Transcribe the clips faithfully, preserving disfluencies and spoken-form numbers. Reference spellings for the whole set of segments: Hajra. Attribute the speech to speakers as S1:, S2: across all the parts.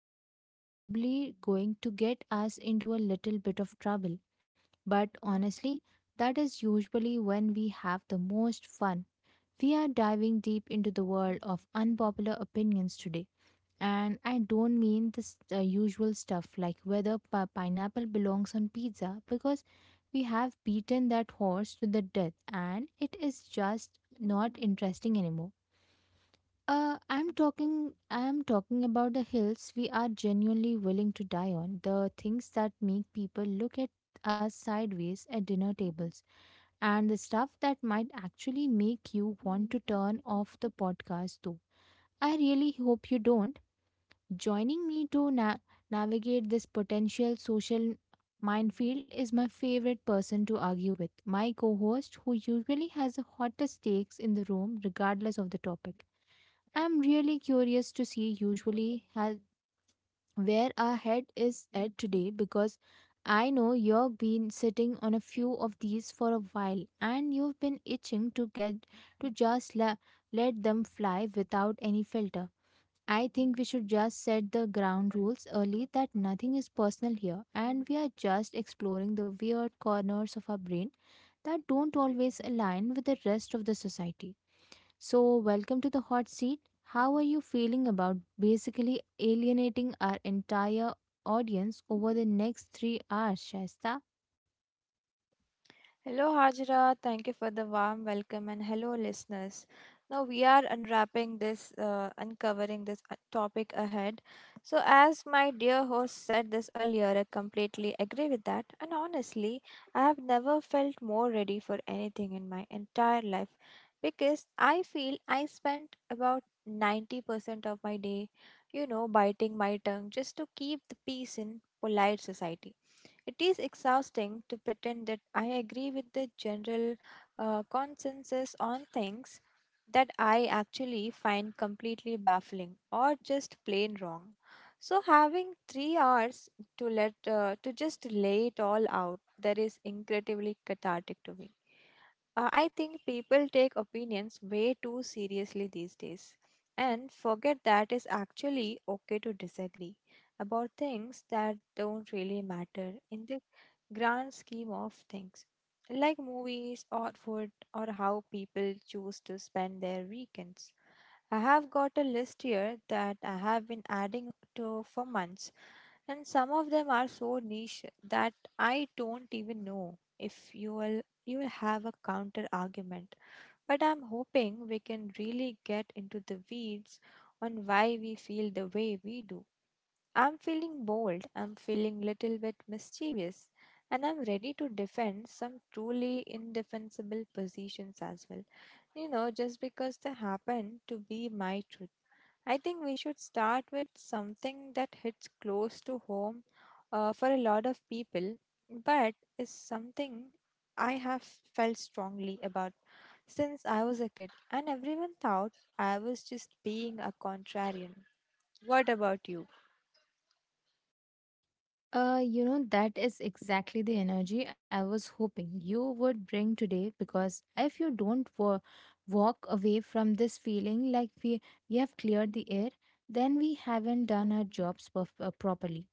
S1: Planned, that is, probably going to get us into a little bit of trouble. But honestly, that is usually when we have the most fun. We are diving deep into the world of unpopular opinions today, and I don't mean this uh, usual stuff like whether pi- pineapple belongs on pizza, because we have beaten that horse to the death and it is just not interesting anymore. Uh, I'm talking I'm talking about the hills we are genuinely willing to die on, the things that make people look at us sideways at dinner tables, and the stuff that might actually make you want to turn off the podcast, though I really hope you don't. Joining me to na- navigate this potential social minefield is my favorite person to argue with, my co host, who usually has the hottest takes in the room, regardless of the topic. I'm really curious to see, usually has, where our head is at today, because I know you've been sitting on a few of these for a while and you've been itching to get to just la- let them fly without any filter. I think we should just set the ground rules early, that nothing is personal here and we are just exploring the weird corners of our brain that don't always align with the rest of the society. So, welcome to the hot seat. How are you feeling about basically alienating our entire audience over the next three hours, Shasta?
S2: Hello, Hajra. Thank you for the warm welcome, and hello, listeners. Now, we are unwrapping this, uh, uncovering this uh, topic ahead. So, as my dear host said this earlier, I completely agree with that. And honestly, I have never felt more ready for anything in my entire life because I feel I spent about ninety percent of my day, you know, biting my tongue just to keep the peace in polite society. It is exhausting to pretend that I agree with the general uh, consensus on things that I actually find completely baffling or just plain wrong. So having three hours to let uh, to just lay it all out, that is incredibly cathartic to me. Uh, I think people take opinions way too seriously these days and forget that it's actually okay to disagree about things that don't really matter in the grand scheme of things, like movies or food or how people choose to spend their weekends. I have got a list here that I have been adding to for months, and some of them are so niche that I don't even know if you will you will have a counter argument. But I'm hoping we can really get into the weeds on why we feel the way we do. I'm feeling bold, I'm feeling little bit mischievous, and I'm ready to defend some truly indefensible positions as well. You know, just because they happen to be my truth. I think we should start with something that hits close to home uh, for a lot of people, but is something I have felt strongly about since I was a kid, and everyone thought I was just being a contrarian. What about you?
S1: Uh, you know, that is exactly the energy I was hoping you would bring today, because if you don't wa- walk away from this feeling like we, you have cleared the air, then we haven't done our jobs perf- uh, properly.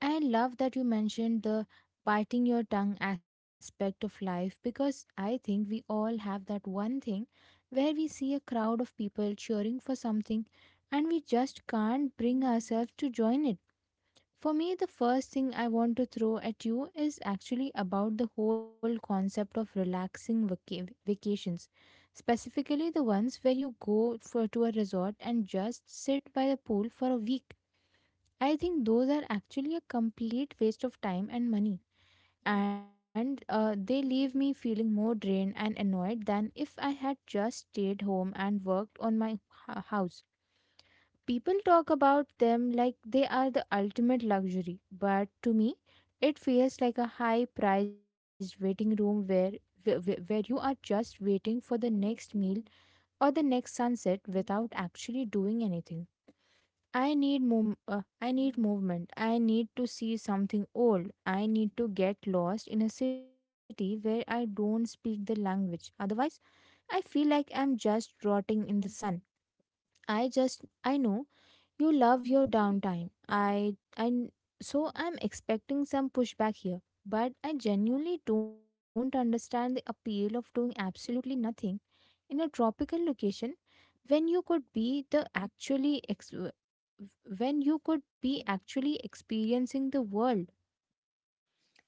S1: I love that you mentioned the biting your tongue aspect of life, because I think we all have that one thing where we see a crowd of people cheering for something and we just can't bring ourselves to join it. For me, the first thing I want to throw at you is actually about the whole concept of relaxing vaca- vacations, specifically the ones where you go for, to a resort and just sit by the pool for a week. I think those are actually a complete waste of time and money, and uh, they leave me feeling more drained and annoyed than if I had just stayed home and worked on my h- house. People talk about them like they are the ultimate luxury, but to me, it feels like a high priced waiting room where, where, where you are just waiting for the next meal or the next sunset without actually doing anything. I need mov- uh, I need movement. I need to see something old. I need to get lost in a city where I don't speak the language. Otherwise, I feel like I'm just rotting in the sun. I just I know you love your downtime. I I So I'm expecting some pushback here, but I genuinely don't understand the appeal of doing absolutely nothing in a tropical location when you could be the actually ex- when you could be actually experiencing the world.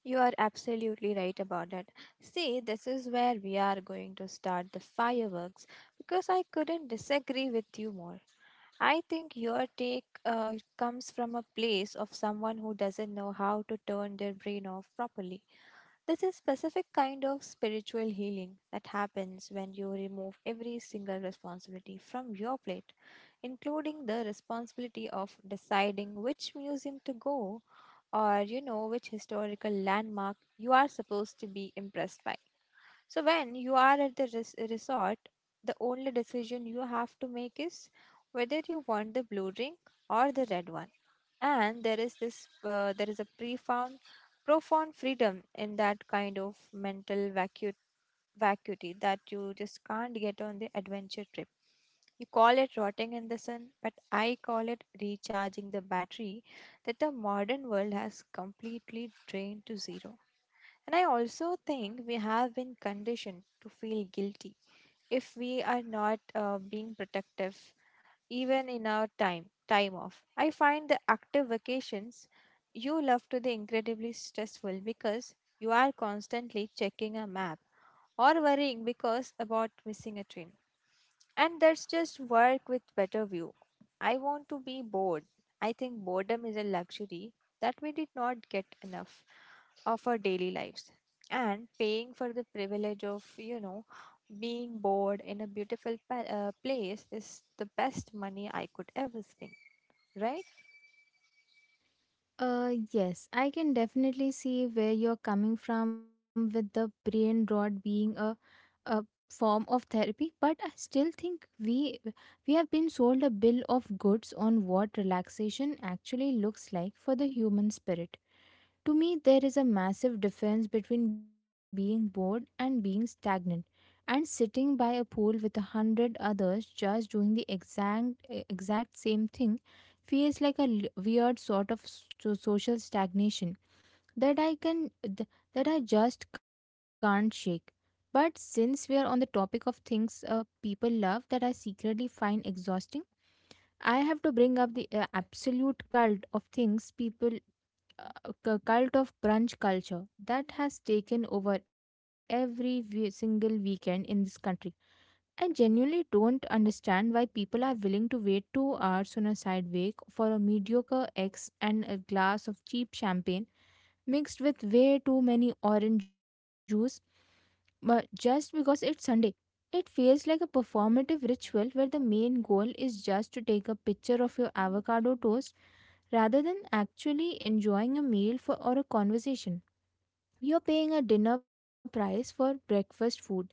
S2: You are absolutely right about that. See, this is where we are going to start the fireworks because I couldn't disagree with you more. I think your take uh, comes from a place of someone who doesn't know how to turn their brain off properly. This is specific kind of spiritual healing that happens when you remove every single responsibility from your plate, including the responsibility of deciding which museum to go or you know which historical landmark you are supposed to be impressed by. So when you are at the res- resort, the only decision you have to make is whether you want the blue drink or the red one. And there is this uh, there is a profound profound freedom in that kind of mental vacuum vacuity that you just can't get on the adventure trip. You call it rotting in the sun, but I call it recharging the battery that the modern world has completely drained to zero. And I also think we have been conditioned to feel guilty if we are not uh, being protective, even in our time time off. I find the active vacations you love to be incredibly stressful because you are constantly checking a map or worrying because about missing a train. And that's just work with better view. I want to be bored. I think boredom is a luxury that we did not get enough of our daily lives. And paying for the privilege of, you know, being bored in a beautiful pa- uh, place is the best money I could ever spend. Right?
S1: Uh, yes, I can definitely see where you're coming from with the brain rot being a a form of therapy, but I still think we we have been sold a bill of goods on what relaxation actually looks like for the human spirit. To me, there is a massive difference between being bored and being stagnant, and sitting by a pool with a hundred others just doing the exact exact same thing feels like a l- weird sort of s- so, social stagnation that I can th- that I just can't shake. But since we are on the topic of things uh, people love that I secretly find exhausting, I have to bring up the uh, absolute cult of things people uh, cu- cult of brunch culture that has taken over every we- single weekend in this country. I genuinely don't understand why people are willing to wait two hours on a side sidewalk for a mediocre eggs and a glass of cheap champagne mixed with way too many orange juice, but just because it's Sunday. It feels like a performative ritual where the main goal is just to take a picture of your avocado toast rather than actually enjoying a meal for, or a conversation. You're paying a dinner price for breakfast food,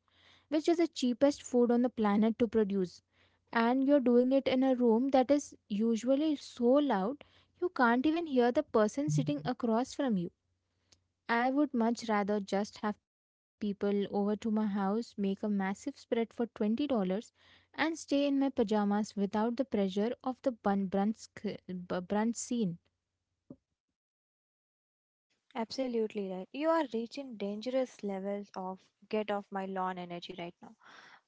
S1: which is the cheapest food on the planet to produce. And you're doing it in a room that is usually so loud you can't even hear the person sitting across from you. I would much rather just have people over to my house, make a massive spread for twenty dollars and stay in my pajamas without the pressure of the bun- brunch, sc- bu- brunch scene.
S2: Absolutely right. You are reaching dangerous levels of get off my lawn energy right now.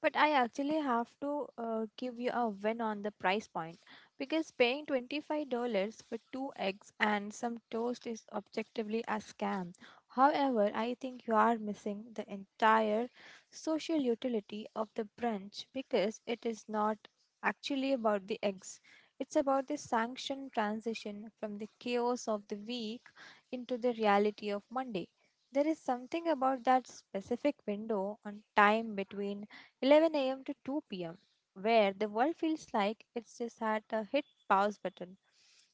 S2: But I actually have to uh, give you a win on the price point because paying twenty-five dollars for two eggs and some toast is objectively a scam. However, I think you are missing the entire social utility of the brunch because it is not actually about the eggs. It's about the sanctioned transition from the chaos of the week into the reality of Monday. There is something about that specific window on time between eleven a m to two p m where the world feels like it's just had a hit pause button.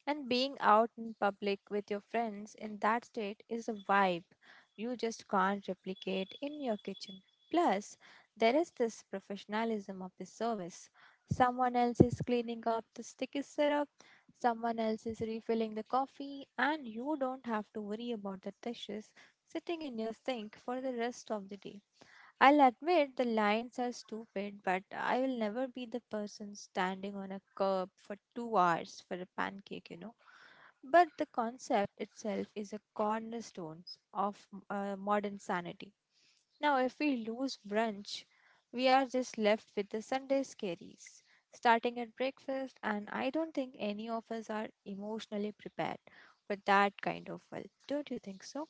S2: And being out in public with your friends in that state is a vibe you just can't replicate in your kitchen. Plus, there is this professionalism of the service. Someone else is cleaning up the sticky syrup, someone else is refilling the coffee, and you don't have to worry about the dishes sitting in your sink for the rest of the day. I'll admit the lines are stupid, but I will never be the person standing on a curb for two hours for a pancake, you know. But the concept itself is a cornerstone of uh, modern sanity. Now, if we lose brunch, we are just left with the Sunday scaries, starting at breakfast, and I don't think any of us are emotionally prepared for that kind of wealth. Don't you think so?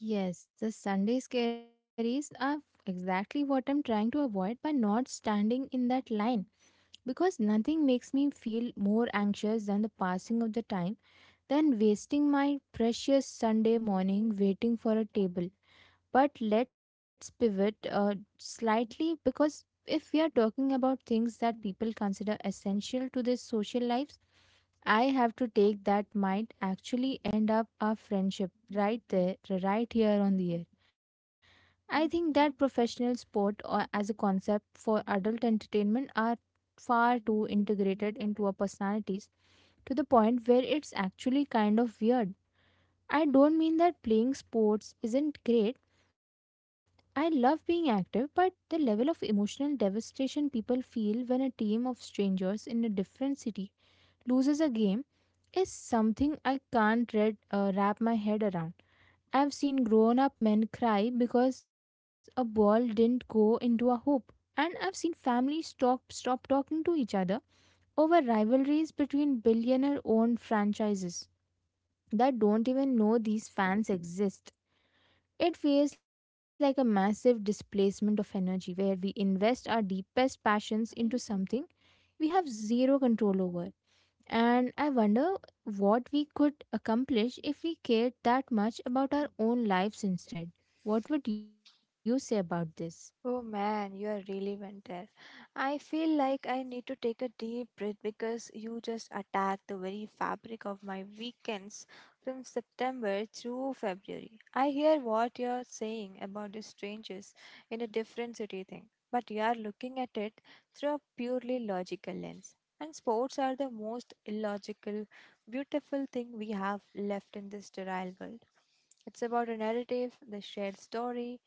S1: Yes, the Sunday scaries are exactly what I'm trying to avoid by not standing in that line, because nothing makes me feel more anxious than the passing of the time, than wasting my precious Sunday morning waiting for a table. But let's pivot uh, slightly, because if we are talking about things that people consider essential to their social lives, I have to take that might actually end up our friendship right there, right here on the air. I think that professional sport or as a concept for adult entertainment are far too integrated into our personalities, to the point where it's actually kind of weird. I don't mean that playing sports isn't great, I love being active, but the level of emotional devastation people feel when a team of strangers in a different city loses a game is something I can't read, uh, wrap my head around. I've seen grown up men cry because a ball didn't go into a hoop. And I've seen families stop, stop talking to each other over rivalries between billionaire owned franchises that don't even know these fans exist. It feels like a massive displacement of energy where we invest our deepest passions into something we have zero control over. And I wonder what we could accomplish if we cared that much about our own lives instead. What would you say about this?
S2: Oh man, you are really went there. I feel like I need to take a deep breath because you just attacked the very fabric of my weekends from September through February. I hear what you're saying about the strangers in a different city thing, but you are looking at it through a purely logical lens. And sports are the most illogical, beautiful thing we have left in this sterile world. It's about a narrative, the shared story,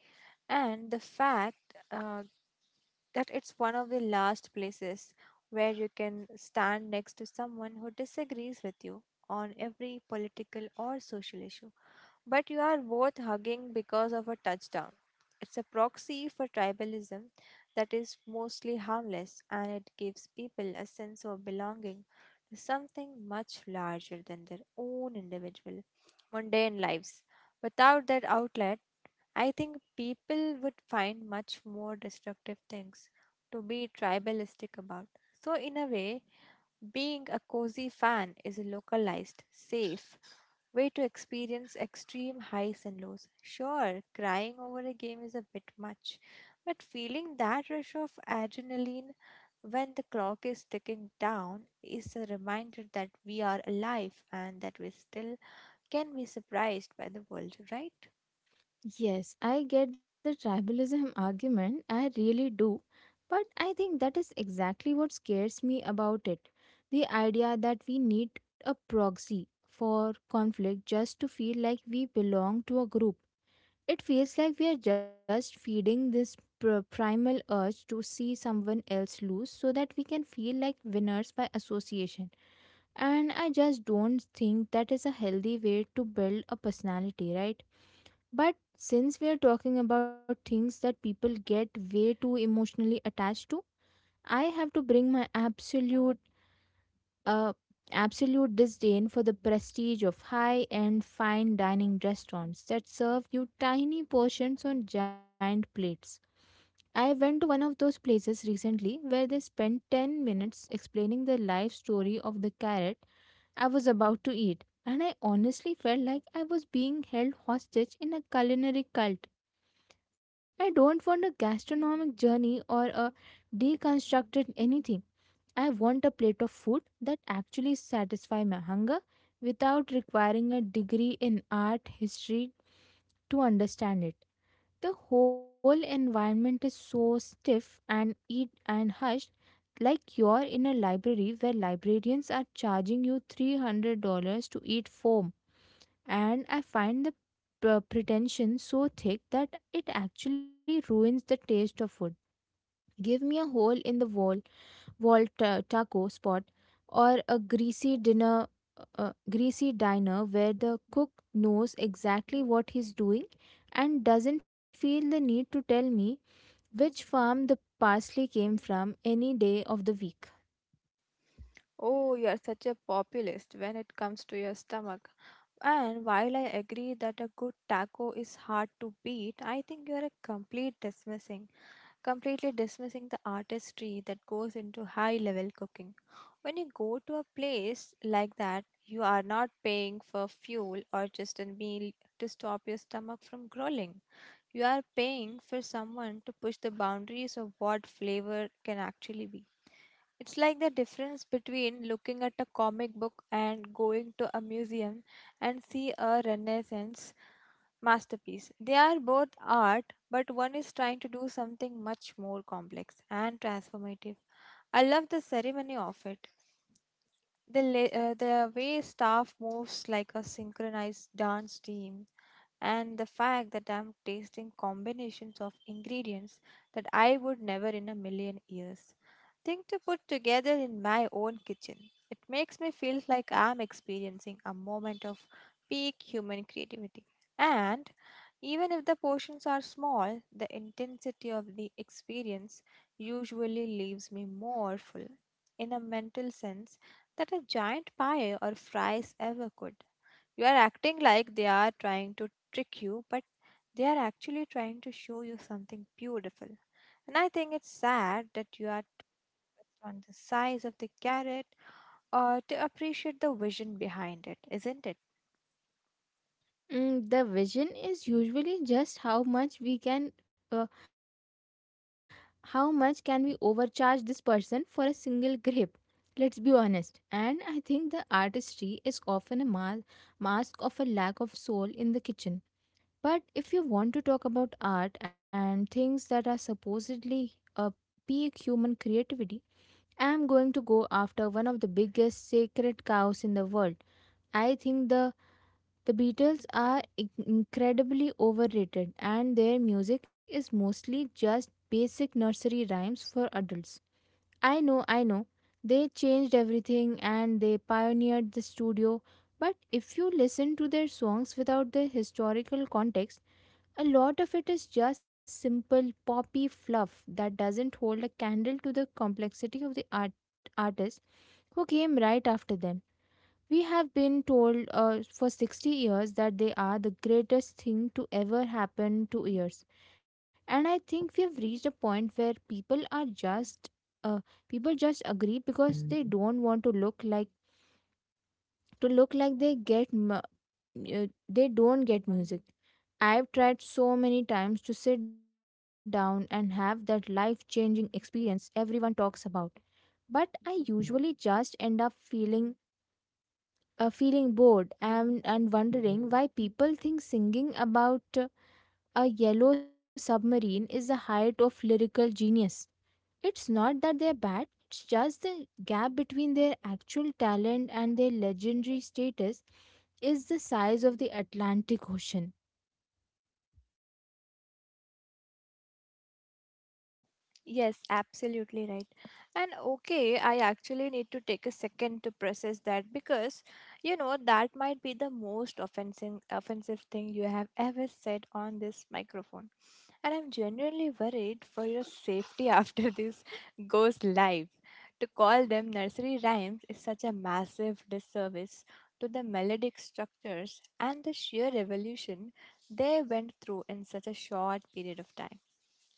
S2: and the fact uh, that it's one of the last places where you can stand next to someone who disagrees with you on every political or social issue, but you are both hugging because of a touchdown. It's a proxy for tribalism that is mostly harmless and it gives people a sense of belonging to something much larger than their own individual mundane lives. Without that outlet, I think people would find much more destructive things to be tribalistic about. So, in a way, being a cozy fan is a localized, safe way to experience extreme highs and lows. Sure, crying over a game is a bit much, but feeling that rush of adrenaline when the clock is ticking down is a reminder that we are alive and that we still can be surprised by the world, right?
S1: Yes, I get the tribalism argument. I really do. But I think that is exactly what scares me about it. The idea that we need a proxy for conflict just to feel like we belong to a group. It feels like we are just feeding this pr- primal urge to see someone else lose so that we can feel like winners by association. And I just don't think that is a healthy way to build a personality, right? But since we are talking about things that people get way too emotionally attached to, I have to bring my absolute uh absolute disdain for the prestige of high-end fine dining restaurants that serve you tiny portions on giant plates. I went to one of those places recently where they spent ten minutes explaining the life story of the carrot I was about to eat, and I honestly felt like I was being held hostage in a culinary cult. I don't want a gastronomic journey or a deconstructed anything. I want a plate of food that actually satisfies my hunger without requiring a degree in art history to understand it. The whole environment is so stiff and eat and hushed, like you're in a library where librarians are charging you three hundred dollars to eat foam. And I find the p- pretension so thick that it actually ruins the taste of food. Give me a hole in the wall, wall ta- taco spot, or a greasy dinner, uh, greasy diner where the cook knows exactly what he's doing and doesn't feel the need to tell me which farm the parsley came from any day of the week.
S2: Oh, you are such a populist when it comes to your stomach. And while I agree that a good taco is hard to beat, I think you are a complete dismissing, completely dismissing the artistry that goes into high level cooking. When you go to a place like that, you are not paying for fuel or just a meal to stop your stomach from growling. You are paying for someone to push the boundaries of what flavor can actually be. It's like the difference between looking at a comic book and going to a museum and see a Renaissance masterpiece. They are both art, but one is trying to do something much more complex and transformative. I love the ceremony of it. The, la- uh, the way staff moves like a synchronized dance team, and the fact that I'm tasting combinations of ingredients that I would never in a million years think to put together in my own kitchen. It makes me feel like I'm experiencing a moment of peak human creativity. And even if the portions are small, the intensity of the experience usually leaves me more full in a mental sense that a giant pie or fries ever could. You are acting like they are trying to trick you, but they are actually trying to show you something beautiful. And I think it's sad that you are on the size of the carrot or to appreciate the vision behind it, isn't it?
S1: Mm, the vision is usually just how much we can. Uh, How much can we overcharge this person for a single grape? Let's be honest. And I think the artistry is often a ma- mask of a lack of soul in the kitchen. But if you want to talk about art and things that are supposedly a peak human creativity, I am going to go after one of the biggest sacred cows in the world. I think the the Beatles are in- incredibly overrated, and their music is mostly just basic nursery rhymes for adults. I know, I know. They changed everything and they pioneered the studio, but if you listen to their songs without the historical context, a lot of it is just simple poppy fluff that doesn't hold a candle to the complexity of the art artists who came right after them. We have been told uh, for sixty years that they are the greatest thing to ever happen to ears. And I think we have reached a point where people are just uh, people just agree because they don't want to look like to look like they get mu- uh, they don't get music. I've tried so many times to sit down and have that life changing experience everyone talks about, but I usually just end up feeling uh, feeling bored, and, and wondering why people think singing about uh, a yellow submarine is the height of lyrical genius. It's not that they're bad, it's just the gap between their actual talent and their legendary status is the size of the Atlantic Ocean.
S2: Yes, absolutely right. And okay, I actually need to take a second to process that because you know that might be the most offensive offensive thing you have ever said on this microphone. And I'm genuinely worried for your safety after this goes live. To call them nursery rhymes is such a massive disservice to the melodic structures and the sheer evolution they went through in such a short period of time.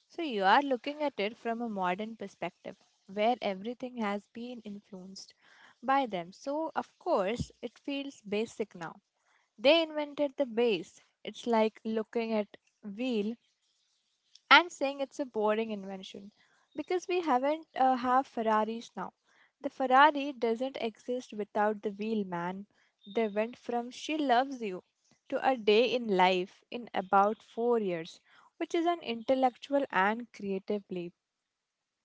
S2: So you are looking at it from a modern perspective, where everything has been influenced by them. So of course it feels basic now. They invented the base. It's like looking at wheel and saying it's a boring invention because we haven't uh, have Ferraris now. The Ferrari doesn't exist without the wheel, man. They went from she loves you to a day in life in about four years, which is an intellectual and creative leap.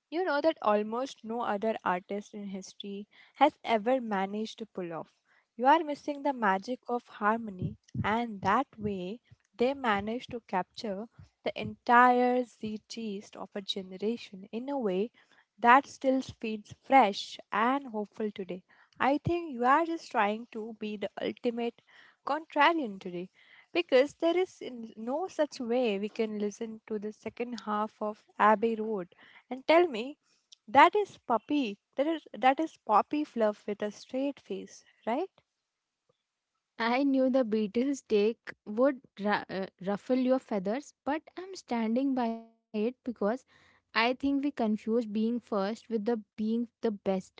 S2: You know that almost no other artist in history has ever managed to pull off. You are missing the magic of harmony, and that way they managed to capture the entire zeitgeist of a generation in a way that still feels fresh and hopeful today. I think you are just trying to be the ultimate contrarian today because there is in- no such way we can listen to the second half of Abbey Road and tell me that is puppy that is that is poppy fluff with a straight face, right?
S1: I knew the Beatles' take would ra- uh, ruffle your feathers, but I'm standing by it because I think we confuse being first with the being the best,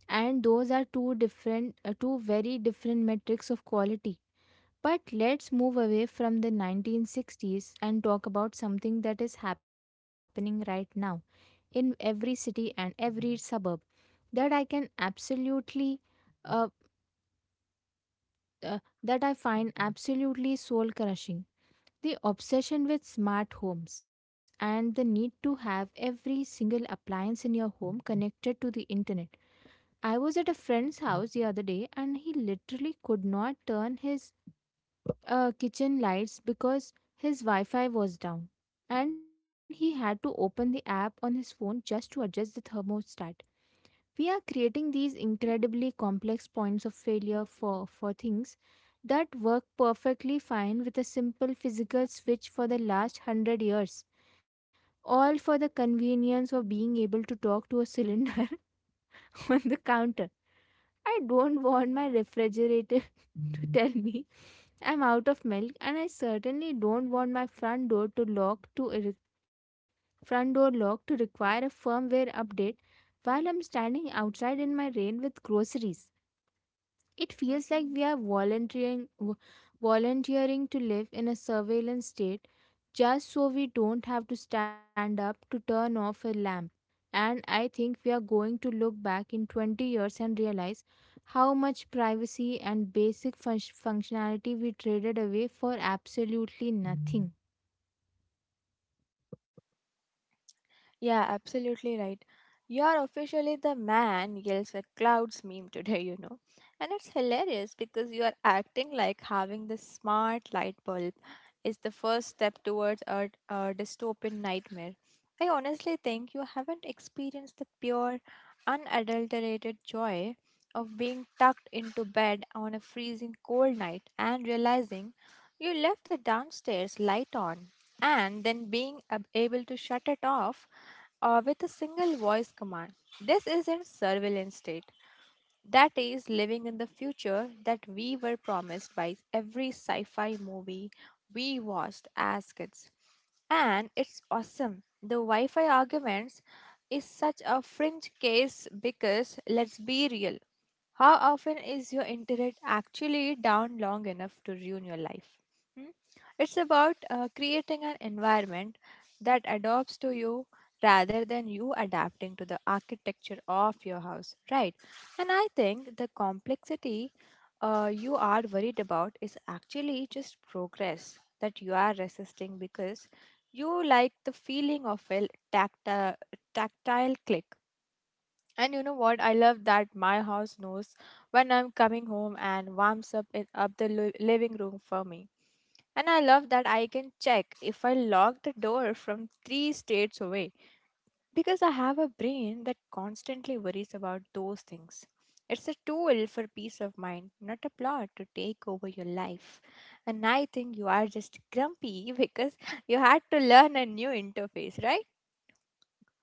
S1: and those are two different uh, two very different metrics of quality. But let's move away from the nineteen sixties and talk about something that is happening right now, in every city and every suburb, that I can absolutely uh, uh, that I find absolutely soul crushing: the obsession with smart homes and the need to have every single appliance in your home connected to the internet. I was at a friend's house the other day, and he literally could not turn his uh, kitchen lights because his Wi Fi was down. And he had to open the app on his phone just to adjust the thermostat. We are creating these incredibly complex points of failure for, for things that work perfectly fine with a simple physical switch for the last hundred years. All for the convenience of being able to talk to a cylinder on the counter. I don't want my refrigerator to tell me I'm out of milk, and I certainly don't want my front door to lock to re- front door lock to require a firmware update while I'm standing outside in my rain with groceries. It feels like we are volunteering vo- volunteering to live in a surveillance state just so we don't have to stand up to turn off a lamp. And I think we are going to look back in twenty years and realize how much privacy and basic fun- functionality we traded away for absolutely nothing.
S2: Yeah, absolutely right. You're officially the man yells at clouds meme today, you know. And it's hilarious because you are acting like having this smart light bulb is the first step towards a, a dystopian nightmare. I honestly think you haven't experienced the pure, unadulterated joy of being tucked into bed on a freezing cold night and realizing you left the downstairs light on, and then being ab- able to shut it off uh, with a single voice command. This isn't surveillance state. That is living in the future that we were promised by every sci fi movie we watched as kids. And it's awesome. The Wi Fi arguments is such a fringe case because let's be real, how often is your internet actually down long enough to ruin your life? Hmm? It's about uh, creating an environment that adopts to you rather than you adapting to the architecture of your house, right? And I think the complexity uh, you are worried about is actually just progress that you are resisting because you like the feeling of a tactile, tactile click. And you know what? I love that my house knows when I'm coming home and warms up it up the li- living room for me. And I love that I can check if I lock the door from three states away because I have a brain that constantly worries about those things. It's a tool for peace of mind, not a plot to take over your life. And I think you are just grumpy because you had to learn a new interface, right?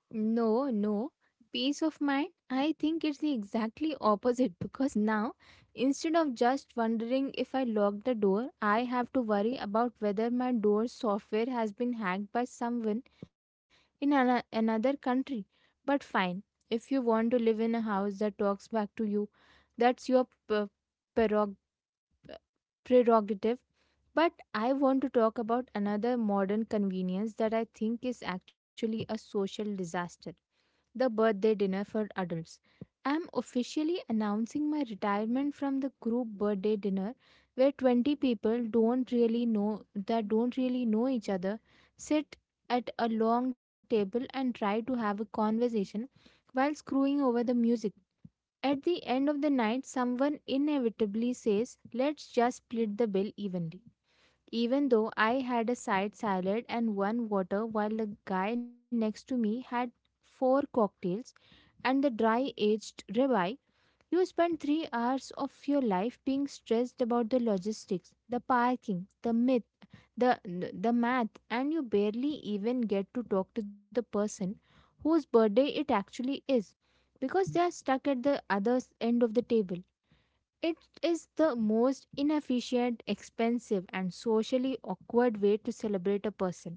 S1: No, no. Peace of mind? I think it's the exactly opposite, because now, instead of just wondering if I locked the door, I have to worry about whether my door software has been hacked by someone in an- another country. But fine, if you want to live in a house that talks back to you, that's your p- prerog- prerogative. But I want to talk about another modern convenience that I think is actually a social disaster: the birthday dinner for adults. I'm officially announcing my retirement from the group birthday dinner, where twenty people don't really know that don't really know each other, sit at a long table and try to have a conversation while screwing over the music. At the end of the night, someone inevitably says, "Let's just split the bill evenly." Even though I had a side salad and one water, while the guy next to me had four cocktails and the dry aged rabbi. You spend three hours of your life being stressed about the logistics, the parking, the myth, the, the math, and you barely even get to talk to the person whose birthday it actually is, because they are stuck at the other end of the table. It is the most inefficient, expensive, and socially awkward way to celebrate a person.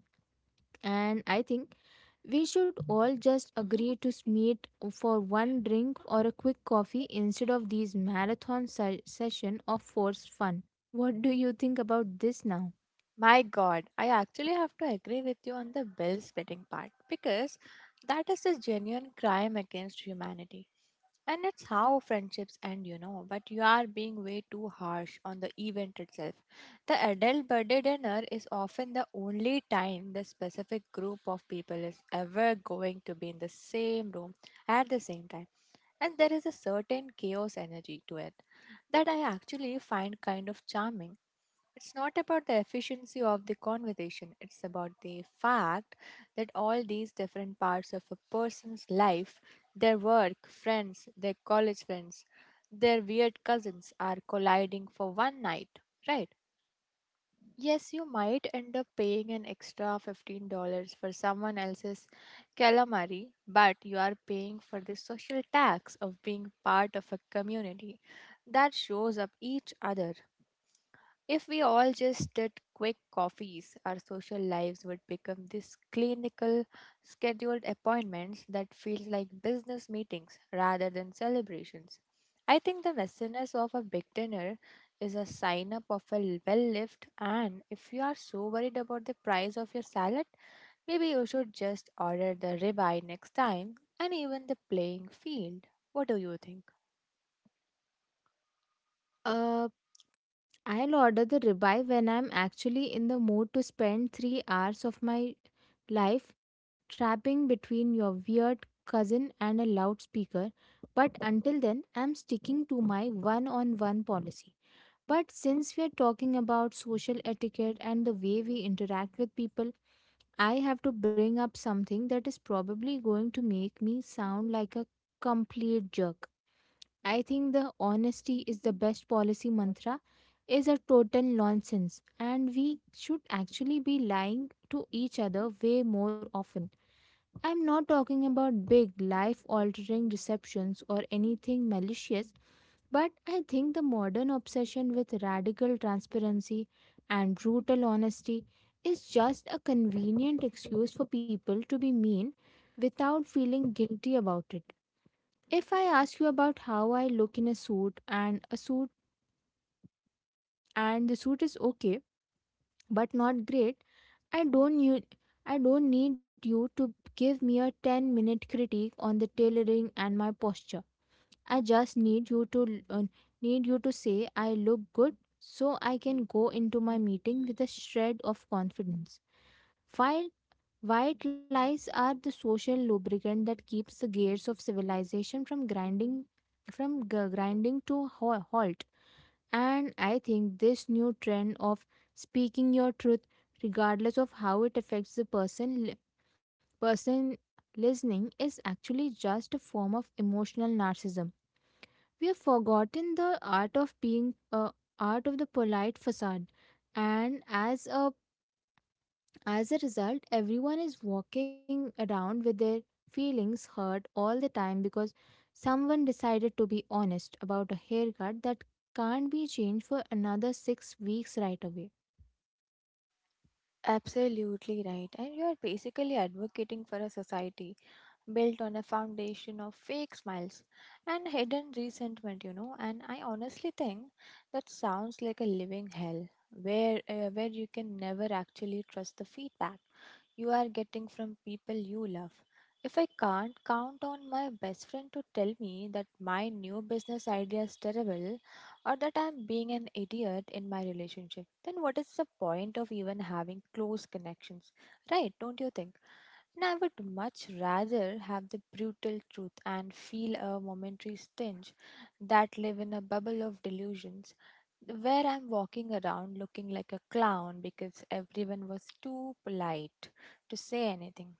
S1: And I think we should all just agree to meet for one drink or a quick coffee instead of these marathon se- session of forced fun. What do you think about this now?
S2: My God, I actually have to agree with you on the bill splitting part because that is a genuine crime against humanity. And it's how friendships end, you know. But you are being way too harsh on the event itself. The adult birthday dinner is often the only time the specific group of people is ever going to be in the same room at the same time. And there is a certain chaos energy to it that I actually find kind of charming. It's not about the efficiency of the conversation, it's about the fact that all these different parts of a person's life, their work, friends, their college friends, their weird cousins are colliding for one night, right? Yes, you might end up paying an extra fifteen dollars for someone else's calamari, but you are paying for the social tax of being part of a community that shows up each other. If we all just did quick coffees, our social lives would become these clinical, scheduled appointments that feel like business meetings rather than celebrations. I think the messiness of a big dinner is a sign up of a well lived, and if you are so worried about the price of your salad, maybe you should just order the ribeye next time and even the playing field. What do you think?
S1: Uh, I'll order the ribeye when I'm actually in the mood to spend three hours of my life trapping between your weird cousin and a loudspeaker. But until then, I'm sticking to my one on one policy. But since we are talking about social etiquette and the way we interact with people, I have to bring up something that is probably going to make me sound like a complete jerk. I think the honesty is the best policy mantra is a total nonsense, and we should actually be lying to each other way more often. I'm not talking about big life altering deceptions or anything malicious. But I think the modern obsession with radical transparency and brutal honesty is just a convenient excuse for people to be mean without feeling guilty about it. If I ask you about how I look in a suit and a suit, and the suit is okay but not great, I don't you I don't need you to give me a ten minute critique on the tailoring and my posture. I just need you to uh, need you to say I look good so I can go into my meeting with a shred of confidence. While white lies are the social lubricant that keeps the gears of civilization from grinding from g- grinding to ho- halt. And I think this new trend of speaking your truth, regardless of how it affects the person li- person listening, is actually just a form of emotional narcissism. We have forgotten the art of being uh, art of the polite facade, and as a as a result, everyone is walking around with their feelings hurt all the time because someone decided to be honest about a haircut that can't be changed for another six weeks right away.
S2: Absolutely right. And you are basically advocating for a society built on a foundation of fake smiles and hidden resentment, you know. And I honestly think that sounds like a living hell where uh, where you can never actually trust the feedback you are getting from people you love. If I can't count on my best friend to tell me that my new business idea is terrible, or that I'm being an idiot in my relationship, then what is the point of even having close connections? Right, don't you think? And I would much rather have the brutal truth and feel a momentary stinge that live in a bubble of delusions where I'm walking around looking like a clown because everyone was too polite to say anything.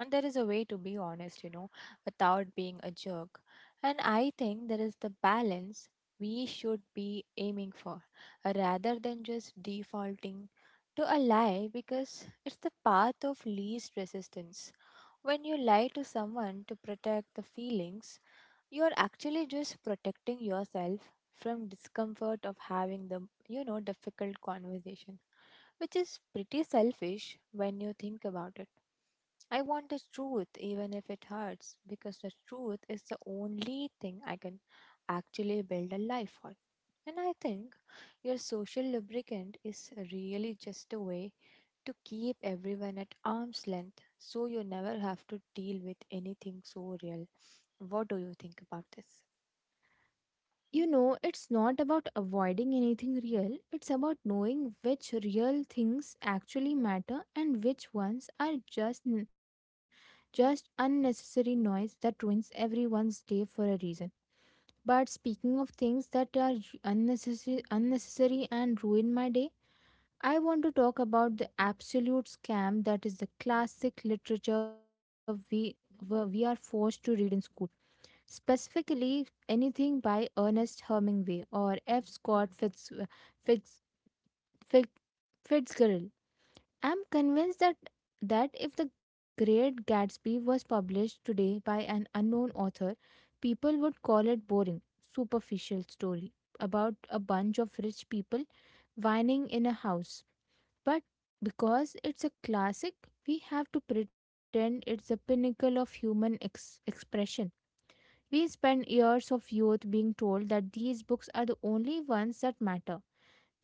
S2: And there is a way to be honest, you know, without being a jerk. And I think there is the balance we should be aiming for, uh, rather than just defaulting to a lie because it's the path of least resistance. When you lie to someone to protect the feelings, you're actually just protecting yourself from discomfort of having the you know difficult conversation, which is pretty selfish when you think about it. I want the truth even if it hurts, because the truth is the only thing I can actually build a life on. And I think your social lubricant is really just a way to keep everyone at arm's length so you never have to deal with anything so real. What do you think about this?
S1: You know, it's not about avoiding anything real, it's about knowing which real things actually matter and which ones are just n- just unnecessary noise that ruins everyone's day for a reason. But speaking of things that are j- unnecessary unnecessary and ruin my day, I want to talk about the absolute scam that is the classic literature we we we are forced to read in school. Specifically, anything by Ernest Hemingway or F. Scott Fitz, Fitz, Fitz, Fitzgerald. I'm convinced that that if The Great Gatsby was published today by an unknown author, people would call it boring, superficial story about a bunch of rich people whining in a house. But because it's a classic, we have to pretend it's the pinnacle of human ex- expression. We spend years of youth being told that these books are the only ones that matter,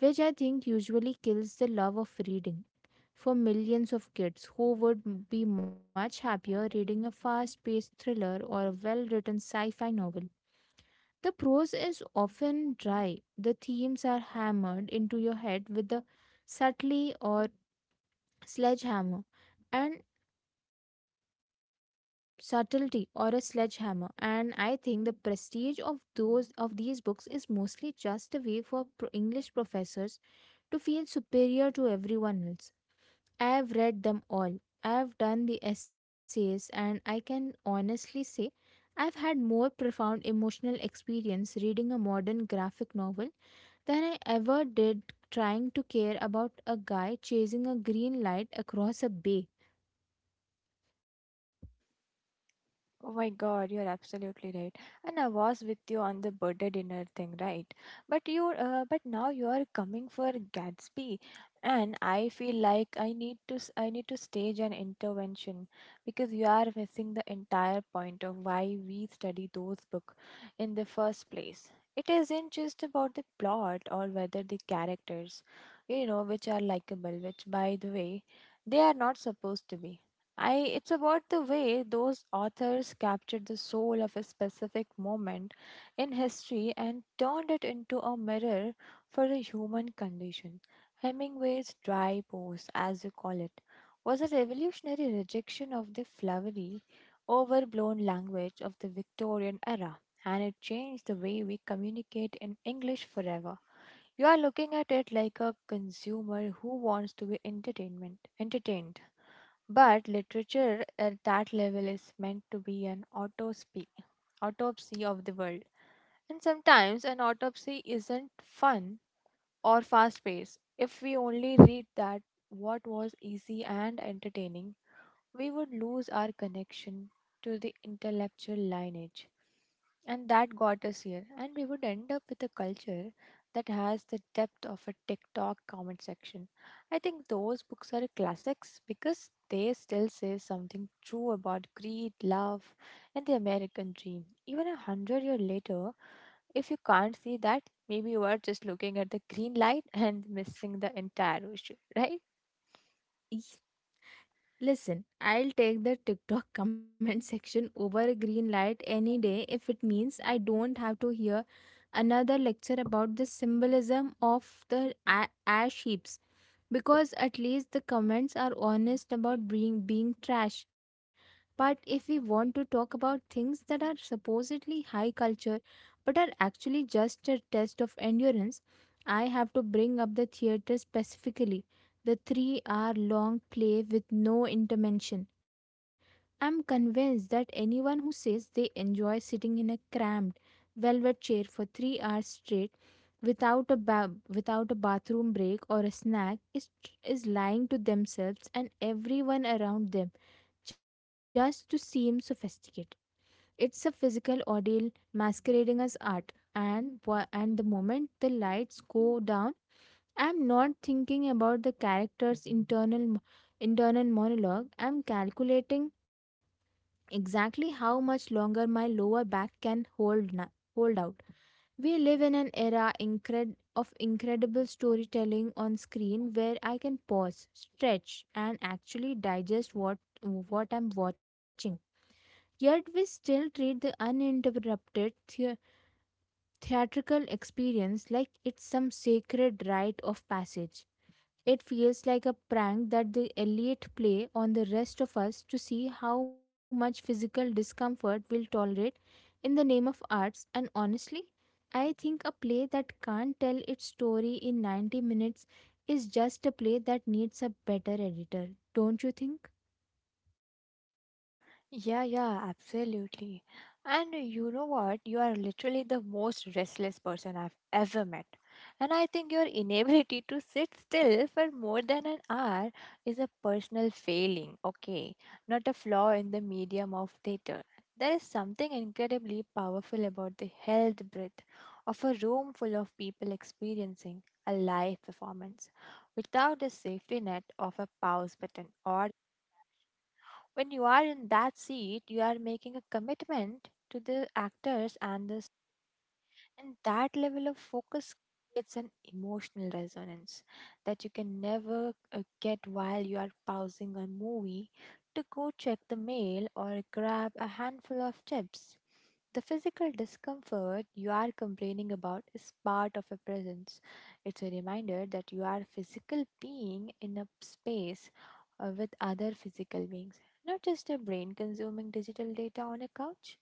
S1: which I think usually kills the love of reading for millions of kids who would m- be much happier reading a fast paced thriller or a well written sci fi novel. The prose is often dry, the themes are hammered into your head with a subtly or sledgehammer, and subtlety or a sledgehammer. And I think the prestige of those of these books is mostly just a way for pro- english professors to feel superior to everyone else. I have read them all, I have done the essays, and I can honestly say I've had more profound emotional experience reading a modern graphic novel than I ever did trying to care about a guy chasing a green light across a bay.
S2: Oh my God, you're absolutely right. And I was with you on the birthday dinner thing, right? But you, uh, but now you are coming for Gatsby, and I feel like I need to, s- I need to stage an intervention because you are missing the entire point of why we study those books in the first place. It isn't just about the plot or whether the characters, you know, which are likable, which by the way, they are not supposed to be. I It's about the way those authors captured the soul of a specific moment in history and turned it into a mirror for the human condition. Hemingway's dry pose, as you call it, was a revolutionary rejection of the flowery, overblown language of the Victorian era, and it changed the way we communicate in English forever. You are looking at it like a consumer who wants to be entertainment entertained, but literature at that level is meant to be an autopsy, autopsy of the world. And sometimes an autopsy isn't fun or fast paced. If we only read that what was easy and entertaining, we would lose our connection to the intellectual lineage and that got us here, and we would end up with a culture that has the depth of a TikTok comment section. I think those books are classics because they still say something true about greed, love, and the American dream, even a hundred years later. If you can't see that, maybe you are just looking at the green light and missing the entire ocean, right?
S1: Listen, I'll take the TikTok comment section over a green light any day if it means I don't have to hear another lecture about the symbolism of the a- ash heaps, because at least the comments are honest about being being trash. But if we want to talk about things that are supposedly high culture but are actually just a test of endurance, I have to bring up the theater, specifically the three hour long play with no intervention. I'm convinced that anyone who says they enjoy sitting in a cramped velvet chair for three hours straight without a ba- without a bathroom break or a snack is is lying to themselves and everyone around them just to seem sophisticated. It's a physical ordeal masquerading as art, and wha- and the moment the lights go down, I'm not thinking about the character's internal mo- internal monologue. I'm calculating exactly how much longer my lower back can hold na- hold out. We live in an era incred- of incredible storytelling on screen where I can pause, stretch, and actually digest what what I'm watching. Yet we still treat the uninterrupted thea- theatrical experience like it's some sacred rite of passage. It feels like a prank that the elite play on the rest of us to see how much physical discomfort we'll tolerate in the name of arts. And honestly, I think a play that can't tell its story in ninety minutes is just a play that needs a better editor, don't you think?
S2: Yeah, yeah, absolutely. And you know what? You are literally the most restless person I've ever met. And I think your inability to sit still for more than an hour is a personal failing, okay? Not a flaw in the medium of theater. There is something incredibly powerful about the held breath of a room full of people experiencing a live performance without the safety net of a pause button. Or when you are in that seat, you are making a commitment to the actors, and the and that level of focus creates an emotional resonance that you can never uh, get while you are pausing a movie to go check the mail or grab a handful of chips. The physical discomfort you are complaining about is part of a presence. It's a reminder that you are a physical being in a space, uh, with other physical beings, not just a brain consuming digital data on a couch.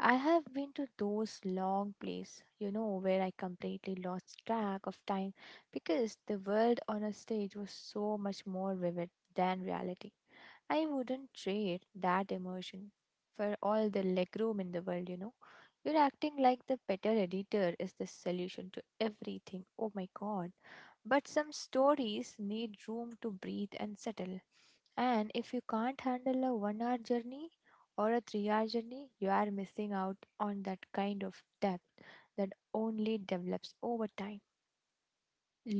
S2: I have been to those long plays, you know, where I completely lost track of time because the world on a stage was so much more vivid than reality. I wouldn't trade that emotion for all the legroom in the world, you know. You're acting like the better editor is the solution to everything. Oh my god. But some stories need room to breathe and settle. And if you can't handle a one hour journey or a three hour journey, you are missing out on that kind of depth that only develops over time.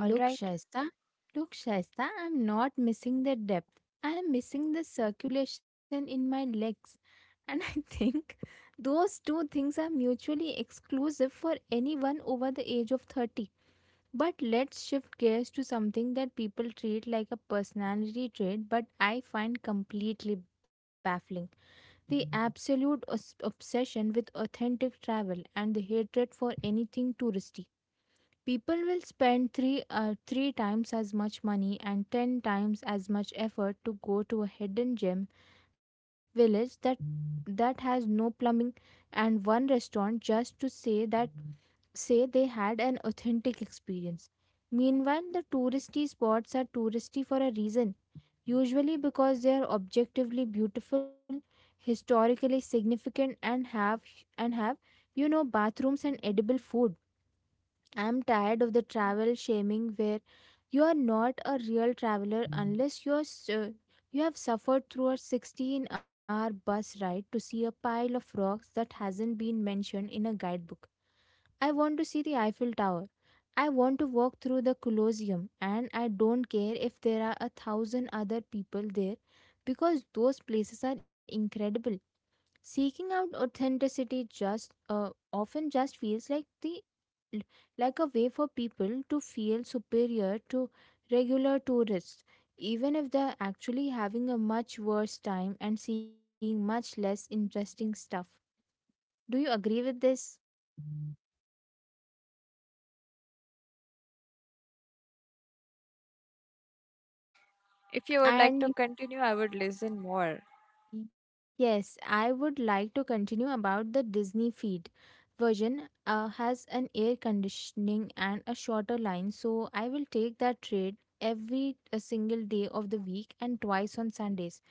S2: All right.
S1: Shaista, Look, Shaista, I'm not missing the depth. I am missing the circulation in my legs. And I think those two things are mutually exclusive for anyone over the age of thirty. But let's shift gears to something that people treat like a personality trait, but I find completely baffling, the absolute os- obsession with authentic travel and the hatred for anything touristy. People will spend three, uh, three times as much money and ten times as much effort to go to a hidden gem village that that has no plumbing and one restaurant just to say that say they had an authentic experience. Meanwhile, the touristy spots are touristy for a reason, usually because they are objectively beautiful, historically significant, and have and have you know bathrooms and edible food. I'm tired of the travel shaming where you are not a real traveler unless you are su- you have suffered through a sixteen-hour bus ride to see a pile of rocks that hasn't been mentioned in a guidebook. I want to see the Eiffel Tower. I want to walk through the Colosseum, and I don't care if there are a thousand other people there because those places are incredible. Seeking out authenticity just uh, often just feels like the l- like a way for people to feel superior to regular tourists, even if they're actually having a much worse time and seeing much less interesting stuff. Do you agree with this?
S2: If you would like to
S1: And
S2: continue, I would listen more.
S1: y- yes, I would like to continue about the Disney feed version. Uh, has an air conditioning and a shorter line, so I will take that trade every a single day of the week and twice on Sundays.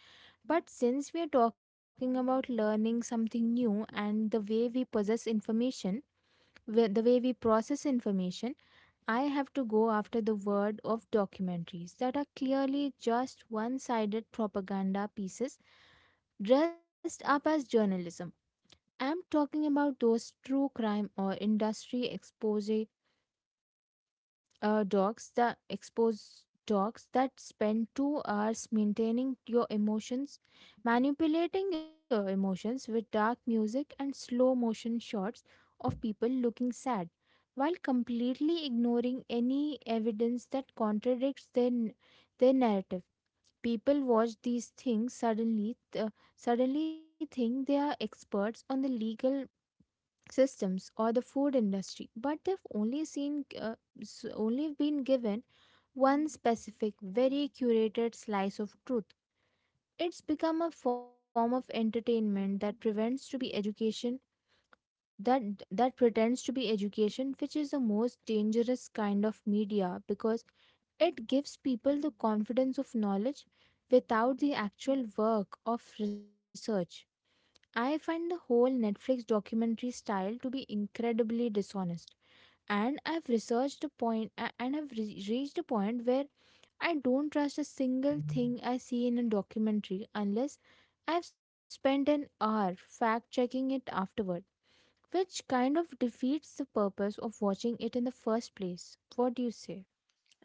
S1: But since we are talking about learning something new and the way we possess information, wh- the way we process information, I have to go after the word of documentaries that are clearly just one sided propaganda pieces dressed up as journalism. I'm talking about those true crime or industry expose, uh, dogs that expose dogs that spend two hours maintaining your emotions manipulating your emotions with dark music and slow motion shots of people looking sad, while completely ignoring any evidence that contradicts their n- their narrative. People watch these things, suddenly uh, suddenly think they are experts on the legal systems or the food industry, but they've only seen uh, s- only been given one specific, very curated slice of truth. It's become a form of entertainment that prevents to be education that that pretends to be education, which is the most dangerous kind of media because it gives people the confidence of knowledge without the actual work of research. I find the whole Netflix documentary style to be incredibly dishonest, and I've researched a point a- and I've re- reached a point where I don't trust a single thing I see in a documentary unless I've spent an hour fact checking it afterward, which kind of defeats the purpose of watching it in the first place. What do you say?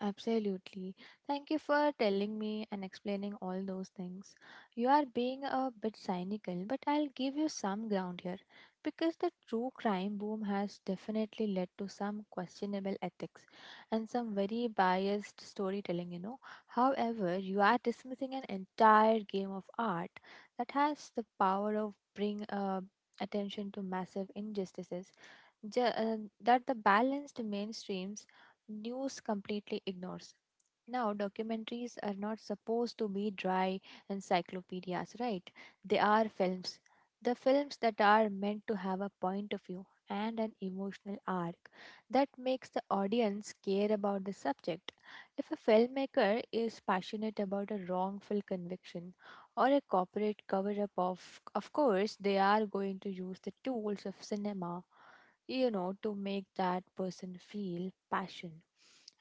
S2: Absolutely. Thank you for telling me and explaining all those things. You are being a bit cynical, but I'll give you some ground here because the true crime boom has definitely led to some questionable ethics and some very biased storytelling, you know. However, you are dismissing an entire game of art that has the power of bring uh, attention to massive injustices, ju- uh, that the balanced mainstream news completely ignores. Now, documentaries are not supposed to be dry encyclopedias, right? They are films. The films that are meant to have a point of view and an emotional arc that makes the audience care about the subject. If a filmmaker is passionate about a wrongful conviction or a corporate cover up, of of course they are going to use the tools of cinema, you know, to make that person feel passion.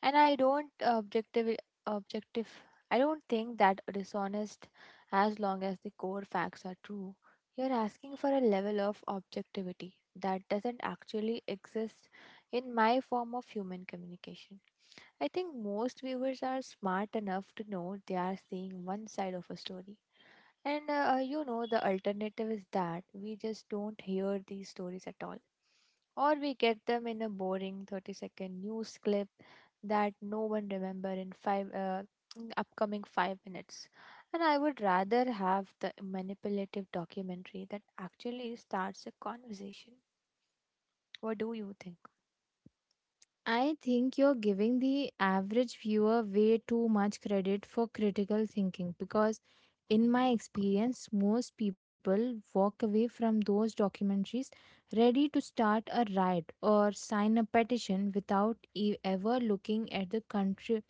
S2: And I don't objective objective I don't think that dishonest, as long as the core facts are true. You're asking for a level of objectivity that doesn't actually exist in my form of human communication. I think most viewers are smart enough to know they are seeing one side of a story. And uh, you know, the alternative is that we just don't hear these stories at all, or we get them in a boring thirty second news clip that no one remember in five uh, in upcoming five minutes. And I would rather have the manipulative documentary that actually starts a conversation. What do you think?
S1: I think you're giving the average viewer way too much credit for critical thinking because, in my experience, most people walk away from those documentaries ready to start a riot or sign a petition without e- ever looking at the country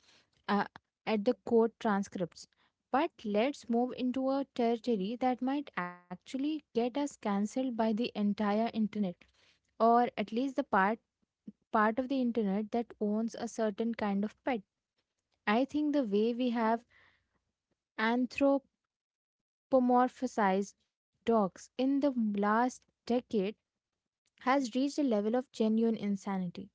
S1: uh, at the court transcripts. But let's move into a territory that might actually get us cancelled by the entire internet, or at least the part part of the internet that owns a certain kind of pet. I think the way we have anthropomorphized dogs in the last decade has reached a level of genuine insanity.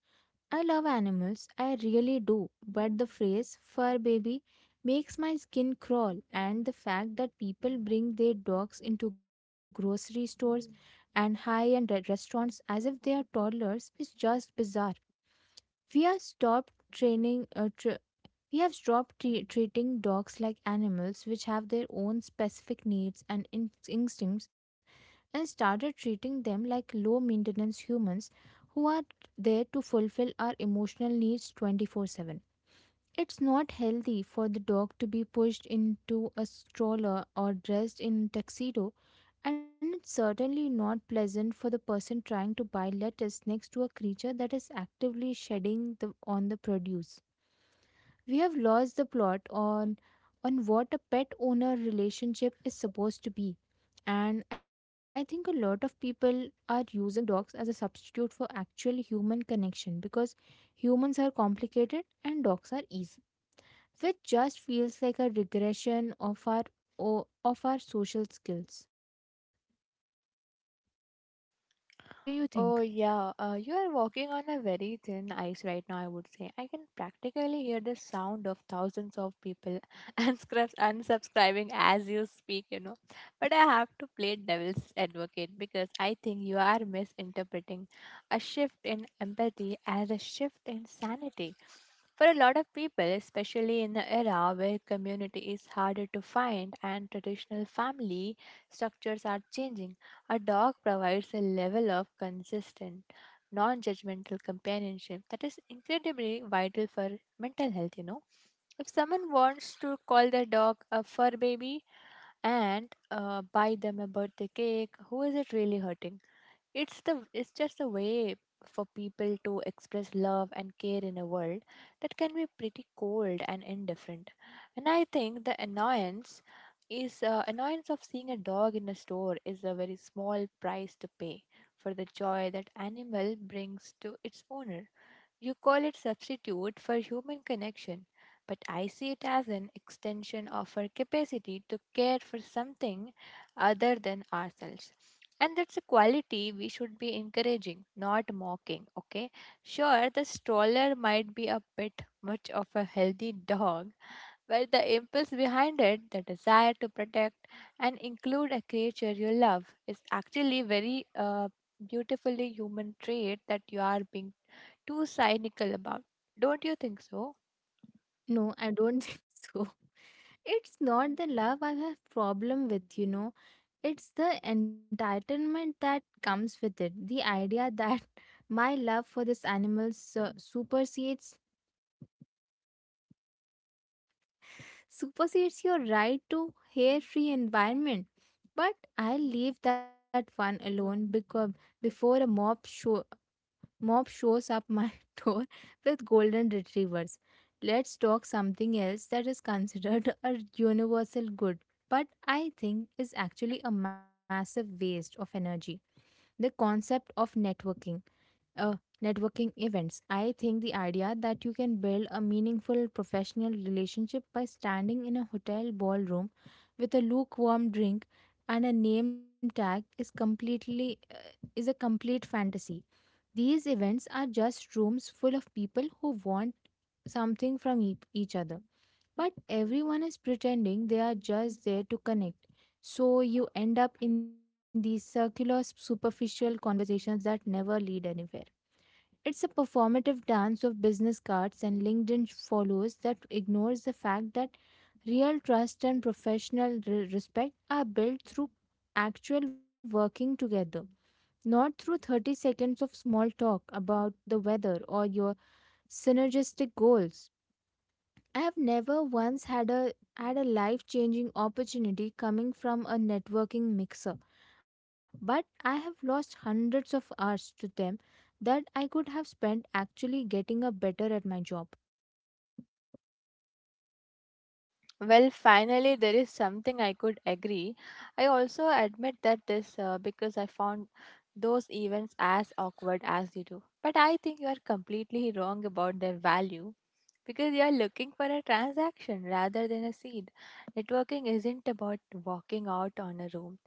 S1: I love animals, I really do, but the phrase fur baby makes my skin crawl, and the fact that people bring their dogs into grocery stores and high end restaurants as if they are toddlers is just bizarre. We are stopped training, uh, tr We have stopped tre- treating dogs like animals, which have their own specific needs and in- instincts, and started treating them like low maintenance humans who are there to fulfill our emotional needs twenty-four seven. It's not healthy for the dog to be pushed into a stroller or dressed in a tuxedo, and it's certainly not pleasant for the person trying to buy lettuce next to a creature that is actively shedding the, on the produce. We have lost the plot on on what a pet owner relationship is supposed to be. And I think a lot of people are using dogs as a substitute for actual human connection, because humans are complicated and dogs are easy, which just feels like a regression of our o- of our social skills. What do you
S2: Oh,
S1: think?
S2: yeah. Uh, you are walking on a very thin ice right now, I would say. I can practically hear the sound of thousands of people unscript- unsubscribing as you speak, you know. But I have to play devil's advocate because I think you are misinterpreting a shift in empathy as a shift in sanity. For a lot of people, especially in the era where community is harder to find and traditional family structures are changing, a dog provides a level of consistent, non judgmental companionship that is incredibly vital for mental health. You know, if someone wants to call their dog a fur baby and uh, buy them a birthday cake, who is it really hurting? It's the it's just a way for people to express love and care in a world that can be pretty cold and indifferent. And I think the annoyance is, uh, annoyance of seeing a dog in a store is a very small price to pay for the joy that animal brings to its owner. You call it substitute for human connection, but I see it as an extension of our capacity to care for something other than ourselves. And that's a quality we should be encouraging, not mocking, okay? Sure, the stroller might be a bit much of a healthy dog, where the impulse behind it, the desire to protect and include a creature you love, is actually very uh, beautifully human trait that you are being too cynical about. Don't you think so?
S1: No, I don't think so. It's not the love I have problem with, you know It's the entitlement that comes with it, the idea that my love for this animal su- supersedes supersedes your right to hair free environment. But I'll leave that one alone because, before a mob show mob shows up my door with golden retrievers, let's talk something else that is considered a universal good, but I think is actually a massive waste of energy: the concept of networking, uh, networking events. I think the idea that you can build a meaningful professional relationship by standing in a hotel ballroom with a lukewarm drink and a name tag is completely uh, is a complete fantasy. These events are just rooms full of people who want something from e- each other, but everyone is pretending they are just there to connect. So you end up in these circular, superficial conversations that never lead anywhere. It's a performative dance of business cards and LinkedIn follows that ignores the fact that real trust and professional re- respect are built through actual working together, not through thirty seconds of small talk about the weather or your synergistic goals. I have never once had a had a life-changing opportunity coming from a networking mixer, but I have lost hundreds of hours to them that I could have spent actually getting up better at my job.
S2: Well, finally, there is something I could agree. I also admit that this uh, because I found those events as awkward as you do. But I think you are completely wrong about their value because you are looking for a transaction rather than a seed. Networking isn't about walking out on a room,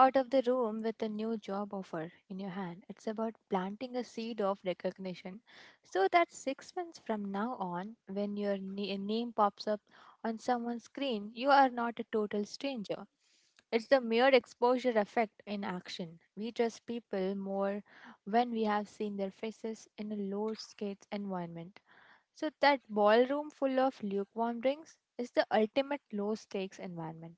S2: out of the room with a new job offer in your hand. It's about planting a seed of recognition so that six months from now on, when your na- name pops up on someone's screen, you are not a total stranger. It's the mere exposure effect in action. We trust people more when we have seen their faces in a low stakes environment. So, that ballroom full of lukewarm drinks is the ultimate low stakes environment.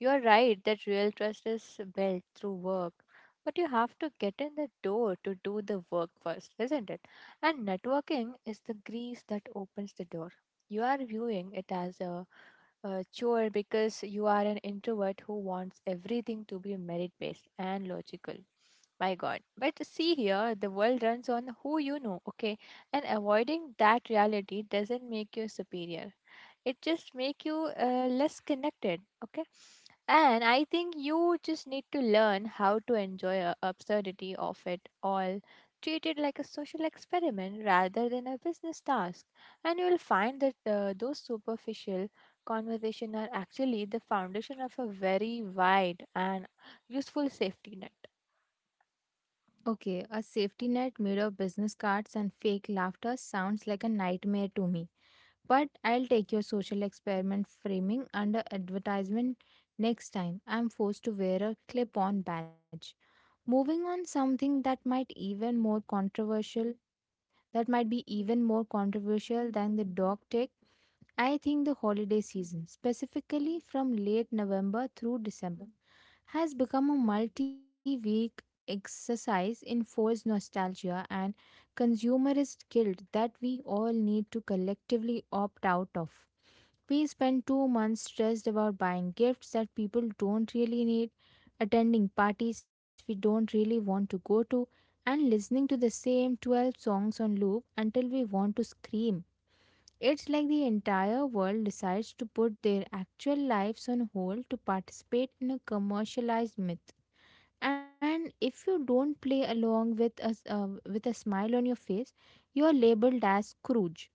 S2: You are right that real trust is built through work, but you have to get in the door to do the work first, isn't it? And networking is the grease that opens the door. You are viewing it as a uh, chore because you are an introvert who wants everything to be merit based and logical. My God. But see here, the world runs on who you know, okay? And avoiding that reality doesn't make you superior. It just make you uh, less connected, okay? And I think you just need to learn how to enjoy a absurdity of it all, treat it like a social experiment rather than a business task. And you will find that uh, those superficial conversation are actually the foundation of a very wide and useful safety net.
S1: Okay, a safety net made of business cards and fake laughter sounds like a nightmare to me. But I'll take your social experiment framing under advertisement next time I'm forced to wear a clip on badge. Moving on something that might even more controversial that might be even more controversial than the dog tech, I think the holiday season, specifically from late November through December, has become a multi week exercise in forced nostalgia and consumerist guilt that we all need to collectively opt out of. We spent two months stressed about buying gifts that people don't really need, attending parties we don't really want to go to, and listening to the same twelve songs on loop until we want to scream. It's like the entire world decides to put their actual lives on hold to participate in a commercialized myth. And if you don't play along with a, s- uh, with a smile on your face, you're labeled as Scrooge.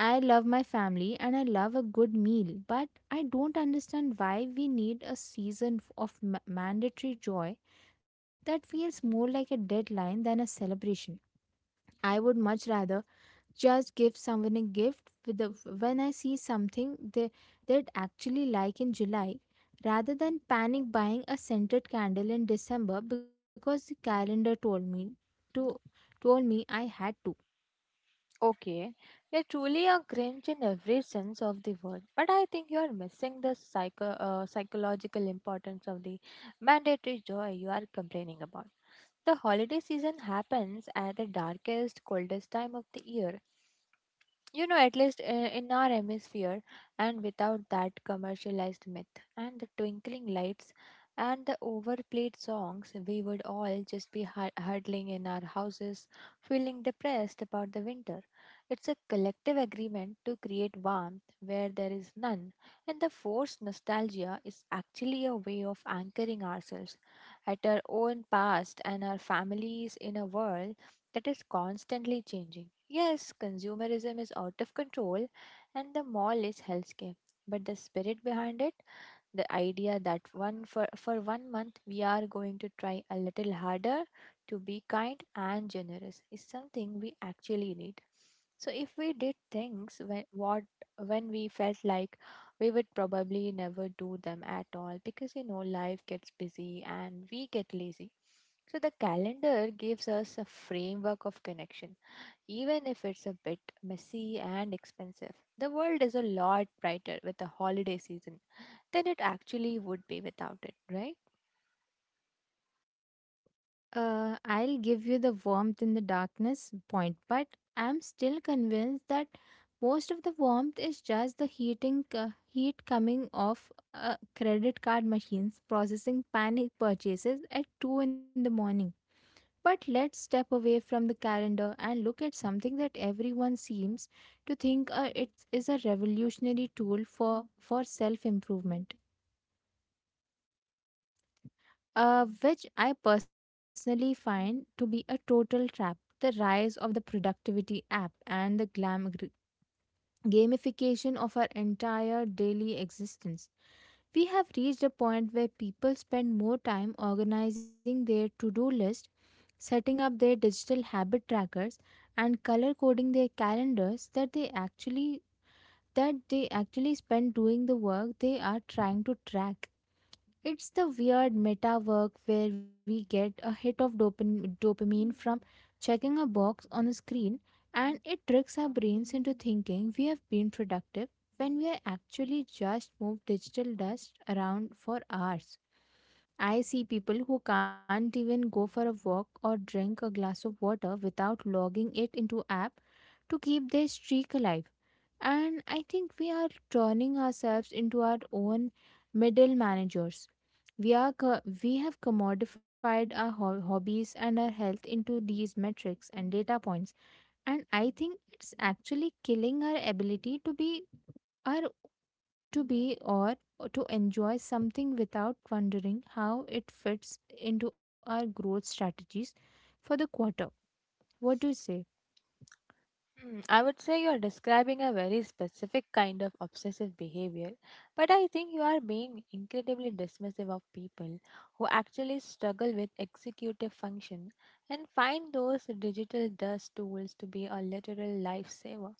S1: I love my family and I love a good meal, but I don't understand why we need a season f- of ma- mandatory joy that feels more like a deadline than a celebration. I would much rather just give someone a gift with the, when I see something they, they'd actually like in July, rather than panic buying a scented candle in December because the calendar told me to told me I had to.
S2: Okay, you're truly a Grinch in every sense of the word, but I think you are missing the psycho- uh, psychological importance of the mandatory joy you are complaining about. The holiday season happens at the darkest, coldest time of the year. you know at least uh, in our hemisphere. And without that commercialized myth and the twinkling lights and the overplayed songs, we would all just be hu- huddling in our houses, feeling depressed about the winter. It's a collective agreement to create warmth where there is none, and the forced nostalgia is actually a way of anchoring ourselves at our own past and our families in a world that is constantly changing. Yes, consumerism is out of control and the mall is hellscape. But the spirit behind it, the idea that one for, for one month we are going to try a little harder to be kind and generous is something we actually need. So if we did things when what when we felt like, we would probably never do them at all, because you know life gets busy and we get lazy. So the calendar gives us a framework of connection, even if it's a bit messy and expensive. The world is a lot brighter with the holiday season than it actually would be without it, right?
S1: Uh, I'll give you the warmth in the darkness point, but I'm still convinced that most of the warmth is just the heating uh, heat coming off uh, credit card machines processing panic purchases at two in the morning. But let's step away from the calendar and look at something that everyone seems to think uh, it is a revolutionary tool for, for self improvement, uh, which I personally find to be a total trap. The rise of the productivity app and the glam gamification of our entire daily existence. We have reached a point where people spend more time organizing their to do list, setting up their digital habit trackers, and color coding their calendars that they actually that they actually spend doing the work they are trying to track. It's the weird meta work where we get a hit of dopam- dopamine from checking a box on a screen, and it tricks our brains into thinking we have been productive when we are actually just moved digital dust around for hours. I see people who can't even go for a walk or drink a glass of water without logging it into app to keep their streak alive. And I think we are turning ourselves into our own middle managers. We are co- we have commodified our ho- hobbies and our health into these metrics and data points, and I think it's actually killing our ability to be our to be or to enjoy something without wondering how it fits into our growth strategies for the quarter. What do you say?
S2: Hmm, I would say you are describing a very specific kind of obsessive behavior, but I think you are being incredibly dismissive of people who actually struggle with executive function and find those digital dust tools to be a literal lifesaver.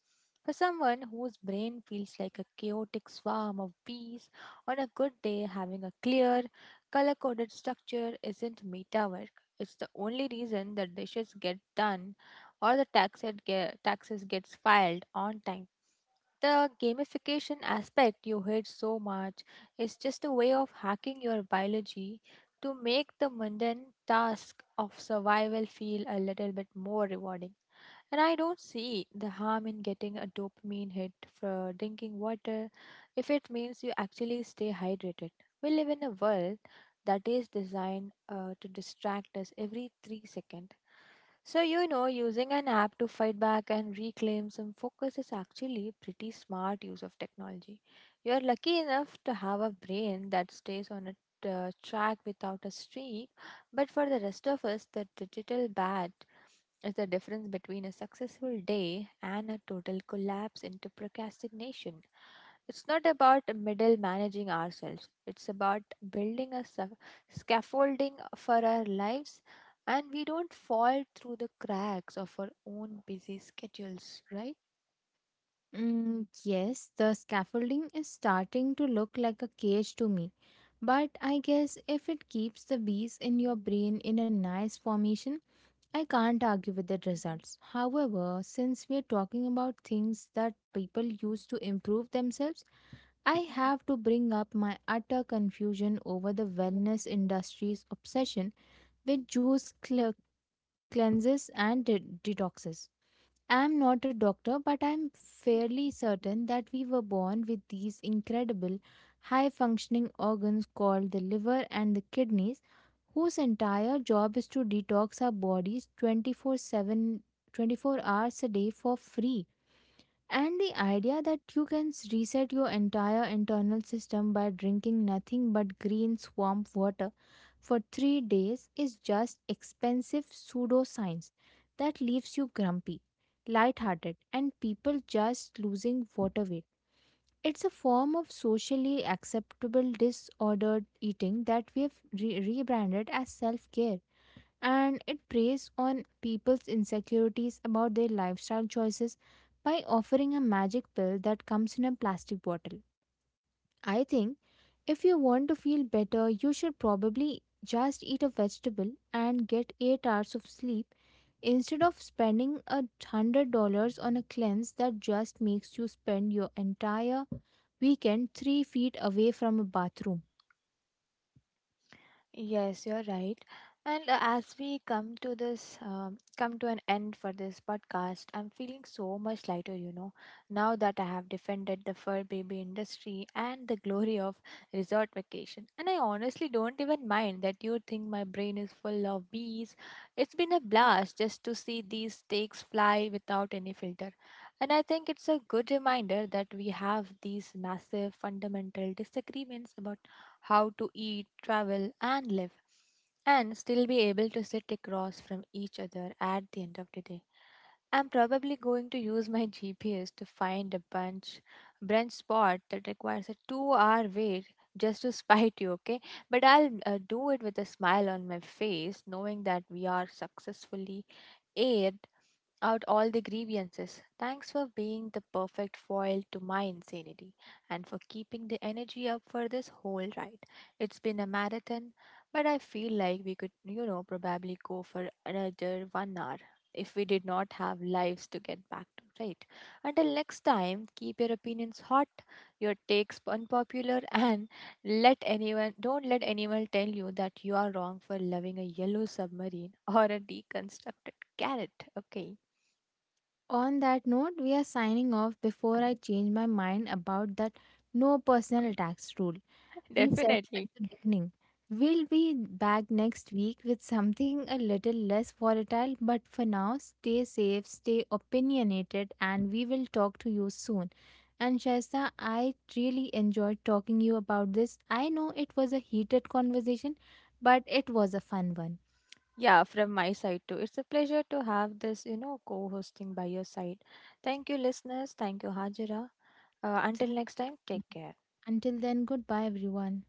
S2: For someone whose brain feels like a chaotic swarm of bees, on a good day, having a clear, color coded structure isn't meta work. It's the only reason that dishes get done or the tax it get, taxes gets filed on time. The gamification aspect you hate so much is just a way of hacking your biology to make the mundane task of survival feel a little bit more rewarding. And I don't see the harm in getting a dopamine hit for drinking water if it means you actually stay hydrated. We live in a world that is designed uh, to distract us every three seconds. So, you know, using an app to fight back and reclaim some focus is actually pretty smart use of technology. You are lucky enough to have a brain that stays on a uh, track without a streak, but for the rest of us, the digital bat is the difference between a successful day and a total collapse into procrastination. It's not about middle managing ourselves. It's about building a sa- scaffolding for our lives, and we don't fall through the cracks of our own busy schedules, right?
S1: Mm, yes, the scaffolding is starting to look like a cage to me. But I guess if it keeps the bees in your brain in a nice formation, I can't argue with the results. However, since we are talking about things that people use to improve themselves, I have to bring up my utter confusion over the wellness industry's obsession with juice cle- cleanses and de- detoxes. I'm not a doctor, but I'm fairly certain that we were born with these incredible high functioning organs called the liver and the kidneys, whose entire job is to detox our bodies twenty-four seven, twenty-four hours a day for free. And the idea that you can s- reset your entire internal system by drinking nothing but green swamp water for three days is just expensive pseudoscience that leaves you grumpy, lighthearted, and people just losing water weight. It's a form of socially acceptable disordered eating that we have re- rebranded as self care. And it preys on people's insecurities about their lifestyle choices by offering a magic pill that comes in a plastic bottle. I think if you want to feel better, you should probably just eat a vegetable and get eight hours of sleep instead of spending a hundred dollars on a cleanse that just makes you spend your entire weekend three feet away from a bathroom.
S2: Yes, you're right. And uh, as we come to this, um, come to an end for this podcast, I'm feeling so much lighter, you know, now that I have defended the fur baby industry and the glory of resort vacation. And I honestly don't even mind that you think my brain is full of bees. It's been a blast just to see these stakes fly without any filter. And I think it's a good reminder that we have these massive fundamental disagreements about how to eat, travel, and live, and still be able to sit across from each other at the end of the day. I'm probably going to use my G P S to find a bunch brunch spot that requires a two-hour wait just to spite you, okay? But I'll uh, do it with a smile on my face, knowing that we are successfully aired out all the grievances. Thanks for being the perfect foil to my insanity and for keeping the energy up for this whole ride. It's been a marathon, but I feel like we could, you know, probably go for another one hour if we did not have lives to get back to, right? Until next time, keep your opinions hot, your takes unpopular, and let anyone don't let anyone tell you that you are wrong for loving a yellow submarine or a deconstructed carrot. Okay.
S1: On that note, we are signing off before I change my mind about that no personal attacks rule. We said at
S2: Definitely.
S1: the beginning, we'll be back next week with something a little less volatile, but for now, stay safe, stay opinionated, and we will talk to you soon. And Shaista, I really enjoyed talking to you about this. I know it was a heated conversation, but it was a fun one.
S2: Yeah, from my side too. It's a pleasure to have this, you know, co hosting by your side. Thank you, listeners. Thank you, Hajira. Uh,
S1: Thank
S2: until next time,
S1: you.
S2: take care.
S1: Until then, goodbye, everyone.